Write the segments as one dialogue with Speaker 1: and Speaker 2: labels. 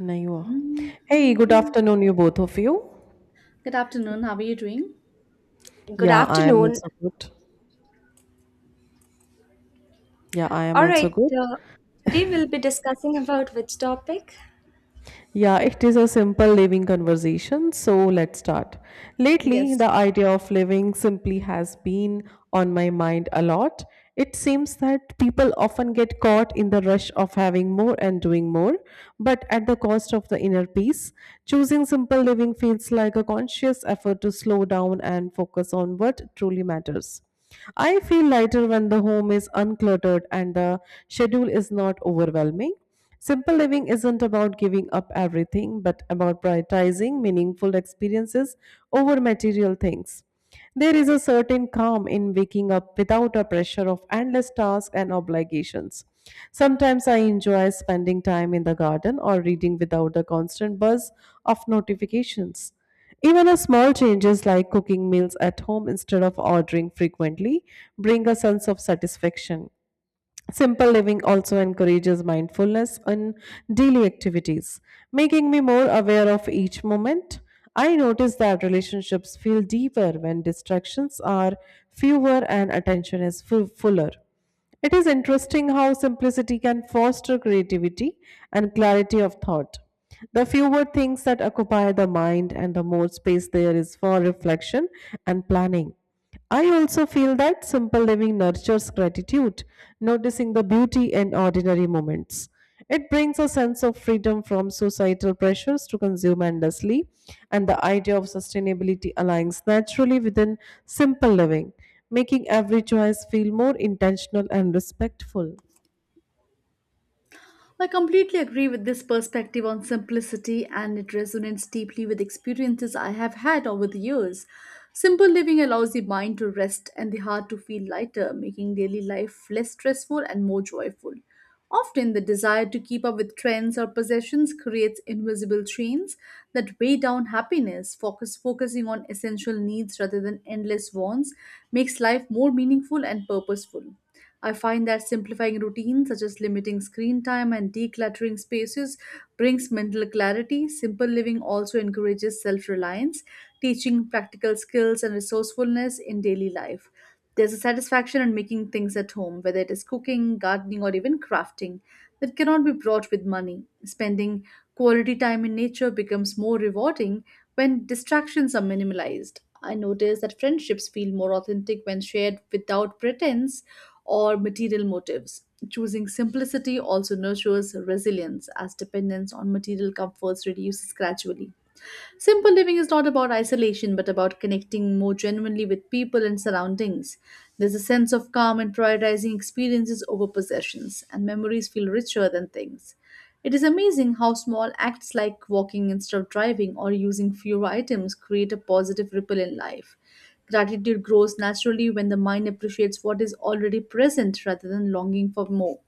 Speaker 1: Naiva. Hey, good
Speaker 2: Mhm.
Speaker 1: afternoon, you both of you.
Speaker 2: Good afternoon. How are you doing?
Speaker 3: Good
Speaker 1: Yeah, I am
Speaker 3: afternoon.
Speaker 1: also good. Yeah, I am
Speaker 3: All
Speaker 1: also
Speaker 3: right,
Speaker 1: good.
Speaker 3: today we'll be discussing about which topic?
Speaker 1: Yeah, it is a simple living conversation, so let's start. Lately,
Speaker 2: Yes,
Speaker 1: the idea of living simply has been on my mind a lot. It seems that people often get caught in the rush of having more and doing more, but at the cost of the inner peace. Choosing simple living feels like a conscious effort to slow down and focus on what truly matters. I feel lighter when the home is uncluttered and the schedule is not overwhelming. Simple living isn't about giving up everything, but about prioritizing meaningful experiences over material things. There is a certain calm in waking up without a pressure of endless tasks and obligations. Sometimes I enjoy spending time in the garden or reading without the constant buzz of notifications. Even a small changes like cooking meals at home instead of ordering frequently bring a sense of satisfaction. Simple living also encourages mindfulness in daily activities, making me more aware of each moment. I notice that relationships feel deeper when distractions are fewer and attention is fuller. It is interesting how simplicity can foster creativity and clarity of thought. The fewer things that occupy the mind and the more space there is for reflection and planning. I also feel that simple living nurtures gratitude, noticing the beauty in ordinary moments. It brings a sense of freedom from societal pressures to consume endlessly, and the idea of sustainability aligns naturally within simple living, making every choice feel more intentional and respectful.
Speaker 2: I completely agree with this perspective on simplicity, and it resonates deeply with experiences I have had over the years. Simple living allows the mind to rest and the heart to feel lighter, making daily life less stressful and more joyful. Often, the desire to keep up with trends or possessions creates invisible chains that weigh down happiness. Focusing on essential needs rather than endless wants makes life more meaningful and purposeful. I find that simplifying routines, such as limiting screen time and decluttering spaces, brings mental clarity. Simple living also encourages self reliance, teaching practical skills and resourcefulness in daily life. There's a satisfaction in making things at home, whether it is cooking, gardening, or even crafting, that cannot be bought with money. Spending quality time in nature becomes more rewarding when distractions are minimalized. I notice that friendships feel more authentic when shared without pretense or material motives. Choosing simplicity also nurtures resilience as dependence on material comforts reduces gradually. Simple living is not about isolation, but about connecting more genuinely with people and surroundings. There's a sense of calm and prioritizing experiences over possessions, and memories feel richer than things. It is amazing how small acts like walking instead of driving or using fewer items create a positive ripple in life. Gratitude grows naturally when the mind appreciates what is already present rather than longing for more.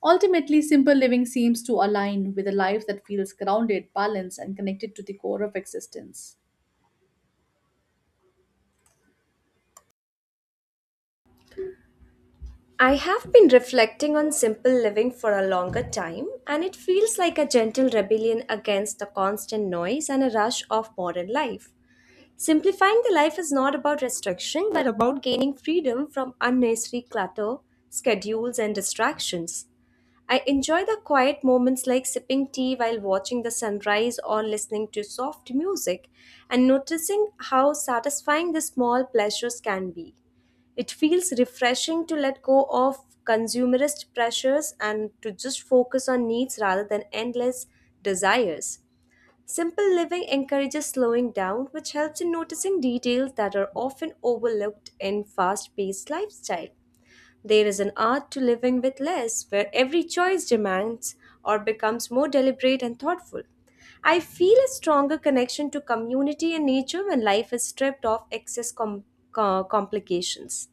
Speaker 2: Ultimately, simple living seems to align with a life that feels grounded, balanced, and connected to the core of existence.
Speaker 3: I have been reflecting on simple living for a longer time, and it feels like a gentle rebellion against the constant noise and a rush of modern life. Simplifying the life is not about restriction, but about gaining freedom from unnecessary clutter, schedules, and distractions. I enjoy the quiet moments like sipping tea while watching the sunrise or listening to soft music and noticing how satisfying the small pleasures can be. It feels refreshing to let go of consumerist pressures and to just focus on needs rather than endless desires. Simple living encourages slowing down, which helps in noticing details that are often overlooked in fast paced lifestyle. There is an art to living with less, where every choice demands or becomes more deliberate and thoughtful. I feel a stronger connection to community and nature when life is stripped of excess complications.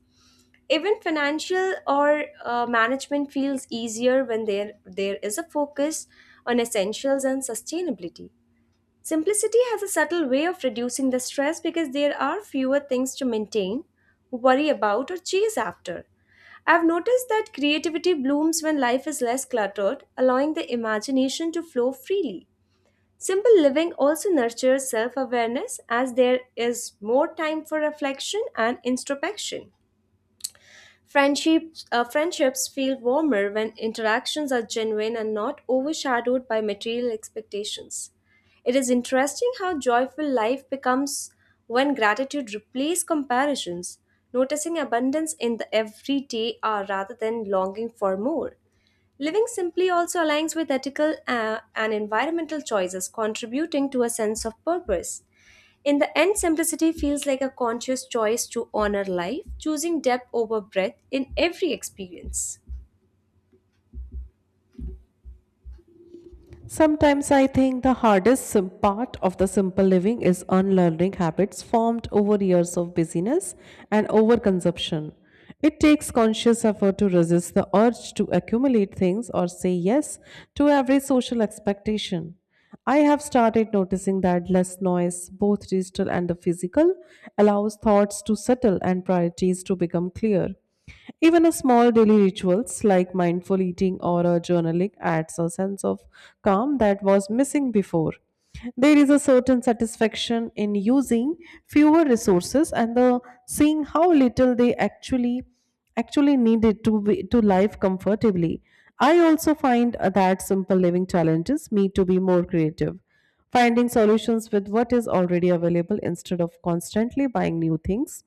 Speaker 3: Even financial or management feels easier when there is a focus on essentials and sustainability. Simplicity has a subtle way of reducing the stress because there are fewer things to maintain, worry about, or chase after. I've noticed that creativity blooms when life is less cluttered, allowing the imagination to flow freely. Simple living also nurtures self awareness as there is more time for reflection and introspection. Friendships feel warmer when interactions are genuine and not overshadowed by material expectations. It is interesting how joyful life becomes when gratitude replaces comparisons, noticing abundance in the everyday hour rather than longing for more. Living simply also aligns with ethical and environmental choices, contributing to a sense of purpose. In the end, simplicity feels like a conscious choice to honor life, choosing depth over breadth in every experience.
Speaker 1: Sometimes I think the hardest part of the simple living is unlearning habits formed over years of busyness and overconsumption. It takes conscious effort to resist the urge to accumulate things or say yes to every social expectation. I have started noticing that less noise, both digital and the physical, allows thoughts to settle and priorities to become clear. Even a small daily rituals like mindful eating or a journaling adds a sense of calm that was missing before. There is a certain satisfaction in using fewer resources and the seeing how little they actually needed to be, to live comfortably. I also find that simple living challenges me to be more creative, finding solutions with what is already available instead of constantly buying new things.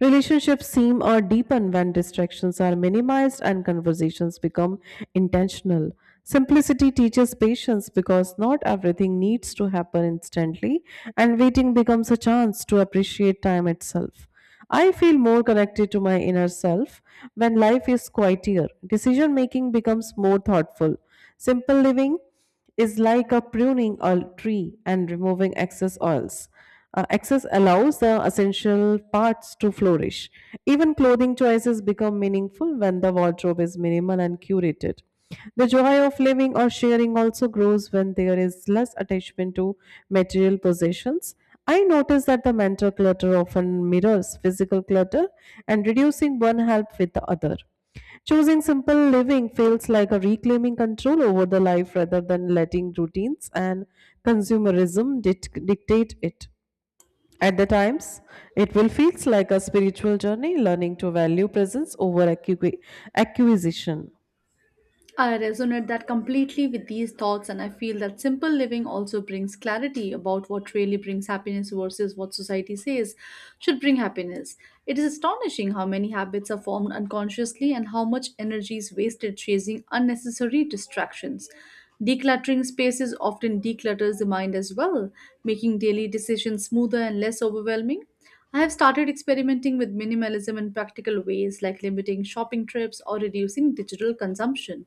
Speaker 1: Relationships seem or deepen when distractions are minimized and conversations become intentional. Simplicity teaches patience because not everything needs to happen instantly, and waiting becomes a chance to appreciate time itself. I feel more connected to my inner self when life is quieter. Decision making becomes more thoughtful. Simple living is like a pruning a tree and removing excess oils. Excess allows the essential parts to flourish. Even clothing choices become meaningful when the wardrobe is minimal and curated. The joy of living or sharing also grows when there is less attachment to material possessions. I notice that the mental clutter often mirrors physical clutter, and reducing one helps with the other. Choosing simple living feels like a reclaiming control over the life rather than letting routines and consumerism dictate it. At the times, it will feels like a spiritual journey, learning to value presence over acquisition.
Speaker 2: I resonate that completely with these thoughts, and I feel that simple living also brings clarity about what really brings happiness versus what society says should bring happiness. It is astonishing how many habits are formed unconsciously and how much energy is wasted chasing unnecessary distractions. Decluttering spaces often declutters the mind as well, making daily decisions smoother and less overwhelming. I have started experimenting with minimalism in practical ways like limiting shopping trips or reducing digital consumption.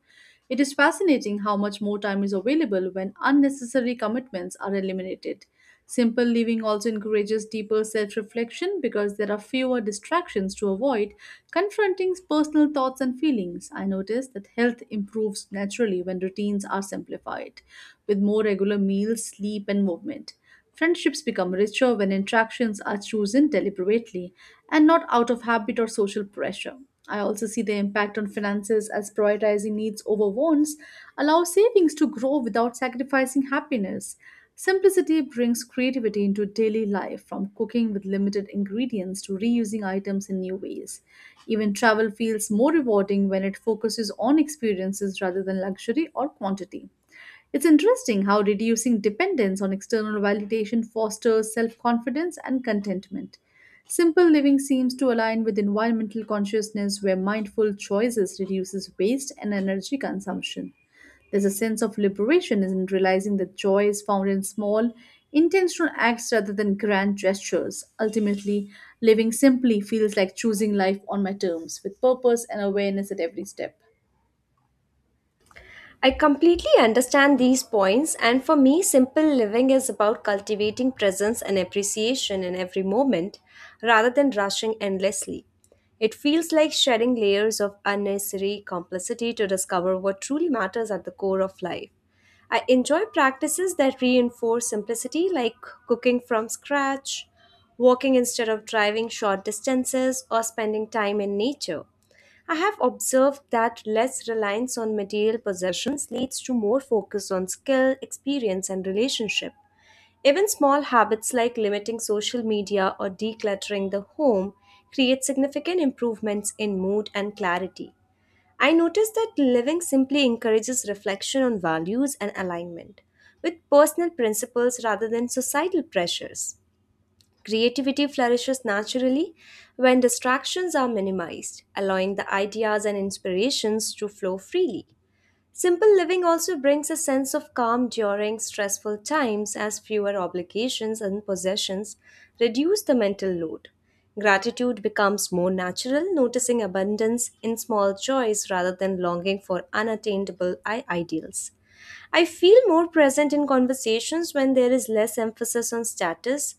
Speaker 2: It is fascinating how much more time is available when unnecessary commitments are eliminated. Simple living also encourages deeper self reflection because there are fewer distractions to avoid, confronting personal thoughts and feelings. I noticed that health improves naturally when routines are simplified, with more regular meals, sleep, and movement. Friendships become richer when interactions are chosen deliberately and not out of habit or social pressure. I also see the impact on finances as prioritizing needs over wants allows savings to grow without sacrificing happiness. Simplicity brings creativity into daily life, from cooking with limited ingredients to reusing items in new ways. Even travel feels more rewarding when it focuses on experiences rather than luxury or quantity. It's interesting how reducing dependence on external validation fosters self confidence and contentment. Simple living seems to align with environmental consciousness where mindful choices reduces waste and energy consumption. There's a sense of liberation in realizing that joy is found in small, intentional acts rather than grand gestures. Ultimately, living simply feels like choosing life on my terms with purpose and awareness at every step.
Speaker 3: I completely understand these points, and for me, simple living is about cultivating presence and appreciation in every moment rather than rushing endlessly. It feels like shedding layers of unnecessary complexity to discover what truly matters at the core of life. I enjoy practices that reinforce simplicity, like cooking from scratch, walking instead of driving short distances, or spending time in nature. I have observed that less reliance on material possessions leads to more focus on skill, experience, and relationship. Even small habits like limiting social media or decluttering the home create significant improvements in mood and clarity. I noticed that living simply encourages reflection on values and alignment with personal principles rather than societal pressures. Creativity flourishes naturally when distractions are minimized, allowing the ideas and inspirations to flow freely. Simple living also brings a sense of calm during stressful times as fewer obligations and possessions reduce the mental load. Gratitude becomes more natural, noticing abundance in small joys rather than longing for unattainable ideals. I feel more present in conversations when there is less emphasis on status,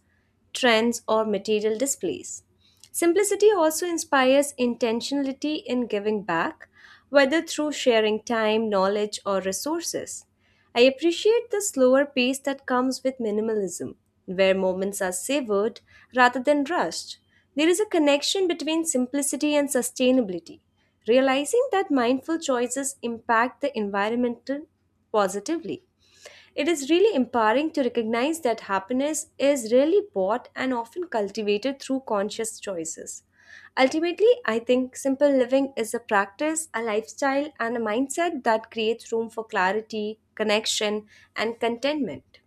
Speaker 3: trends, or material displays. Simplicity also inspires intentionality in giving back, whether through sharing time, knowledge, or resources. I appreciate the slower pace that comes with minimalism, where moments are savored rather than rushed. There is a connection between simplicity and sustainability. Realizing that mindful choices impact the environment positively. It is really empowering to recognize that happiness is really bought and often cultivated through conscious choices. Ultimately, I think simple living is a practice, a lifestyle, and a mindset that creates room for clarity, connection, and contentment.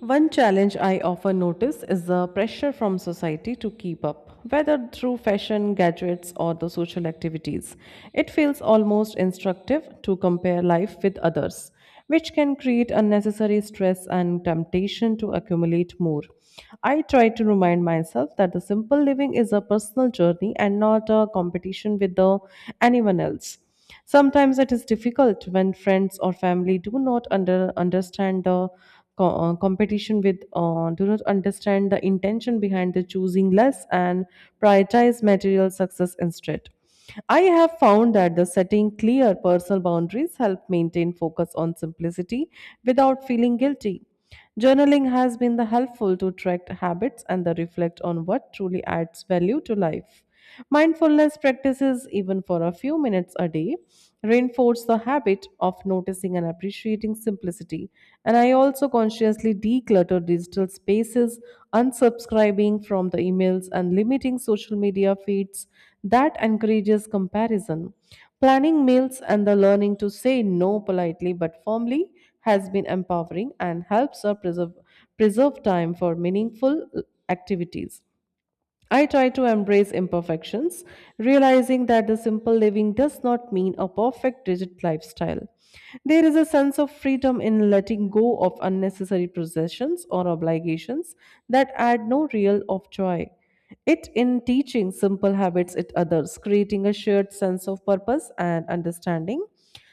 Speaker 1: One challenge I often notice is the pressure from society to keep up, whether through fashion, gadgets, or the social activities. It feels almost instructive to compare life with others, which can create unnecessary stress and temptation to accumulate more. I try to remind myself that the simple living is a personal journey and not a competition with the, anyone else. Sometimes it is difficult when friends or family do not understand the co- competition with do not understand the intention behind the choosing less and prioritize material success instead. I have found that the setting clear personal boundaries help maintain focus on simplicity without feeling guilty. Journaling has been the helpful to track habits and the reflect on what truly adds value to life. Mindfulness practices, even for a few minutes a day, reinforce the habit of noticing and appreciating simplicity. And I also consciously declutter digital spaces, unsubscribing from the emails and limiting social media feeds that encourages comparison. Planning meals and the learning to say no politely but firmly has been empowering and helps preserve time for meaningful activities. I try to embrace imperfections, realizing that the simple living does not mean a perfect rigid lifestyle. There is a sense of freedom in letting go of unnecessary possessions or obligations that add no real of joy. It in teaching simple habits it others, creating a shared sense of purpose and understanding.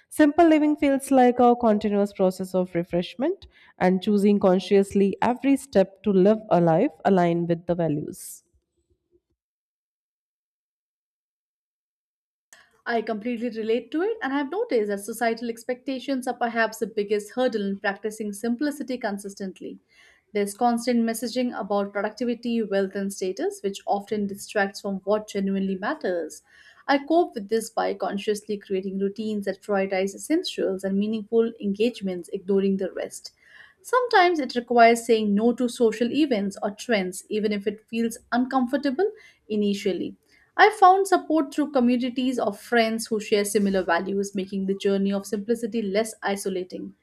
Speaker 1: Simple living feels like a continuous process of refreshment and choosing consciously every step to live a life aligned with the values.
Speaker 2: I completely relate to it, and I've noticed that societal expectations are perhaps the biggest hurdle in practicing simplicity consistently. There's constant messaging about productivity, wealth, and status, which often distracts from what genuinely matters. I cope with this by consciously creating routines that prioritize essentials and meaningful engagements, ignoring the rest. Sometimes it requires saying no to social events or trends, even if it feels uncomfortable initially. I found support through communities of friends who share similar values, making the journey of simplicity less isolating.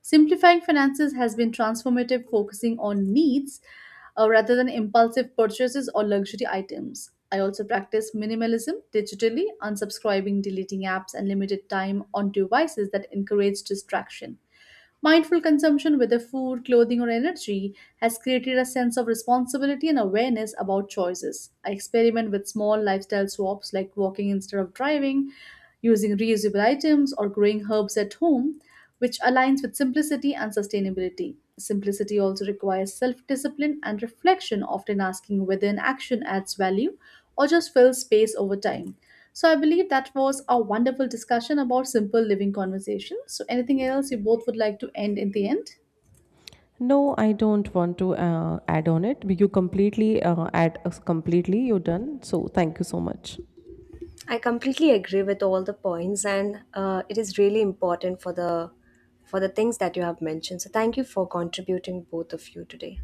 Speaker 2: Simplifying finances has been transformative, focusing on needs rather than impulsive purchases or luxury items. I also practice minimalism digitally, unsubscribing, deleting apps, and limited time on devices that encourage distraction. Mindful consumption, whether food, clothing, or energy, has created a sense of responsibility and awareness about choices. I experiment with small lifestyle swaps like walking instead of driving, using reusable items, or growing herbs at home, which aligns with simplicity and sustainability. Simplicity also requires self discipline and reflection, often asking whether an action adds value or just fill space over time. So I believe that was a wonderful discussion about simple living conversations. So anything else you both would like to end in the end?
Speaker 1: No, I don't want to add on it. You completely add us completely. You're done. So thank you so much.
Speaker 3: I completely agree with all the points, and it is really important for the things that you have mentioned. So, thank you for contributing both of you today.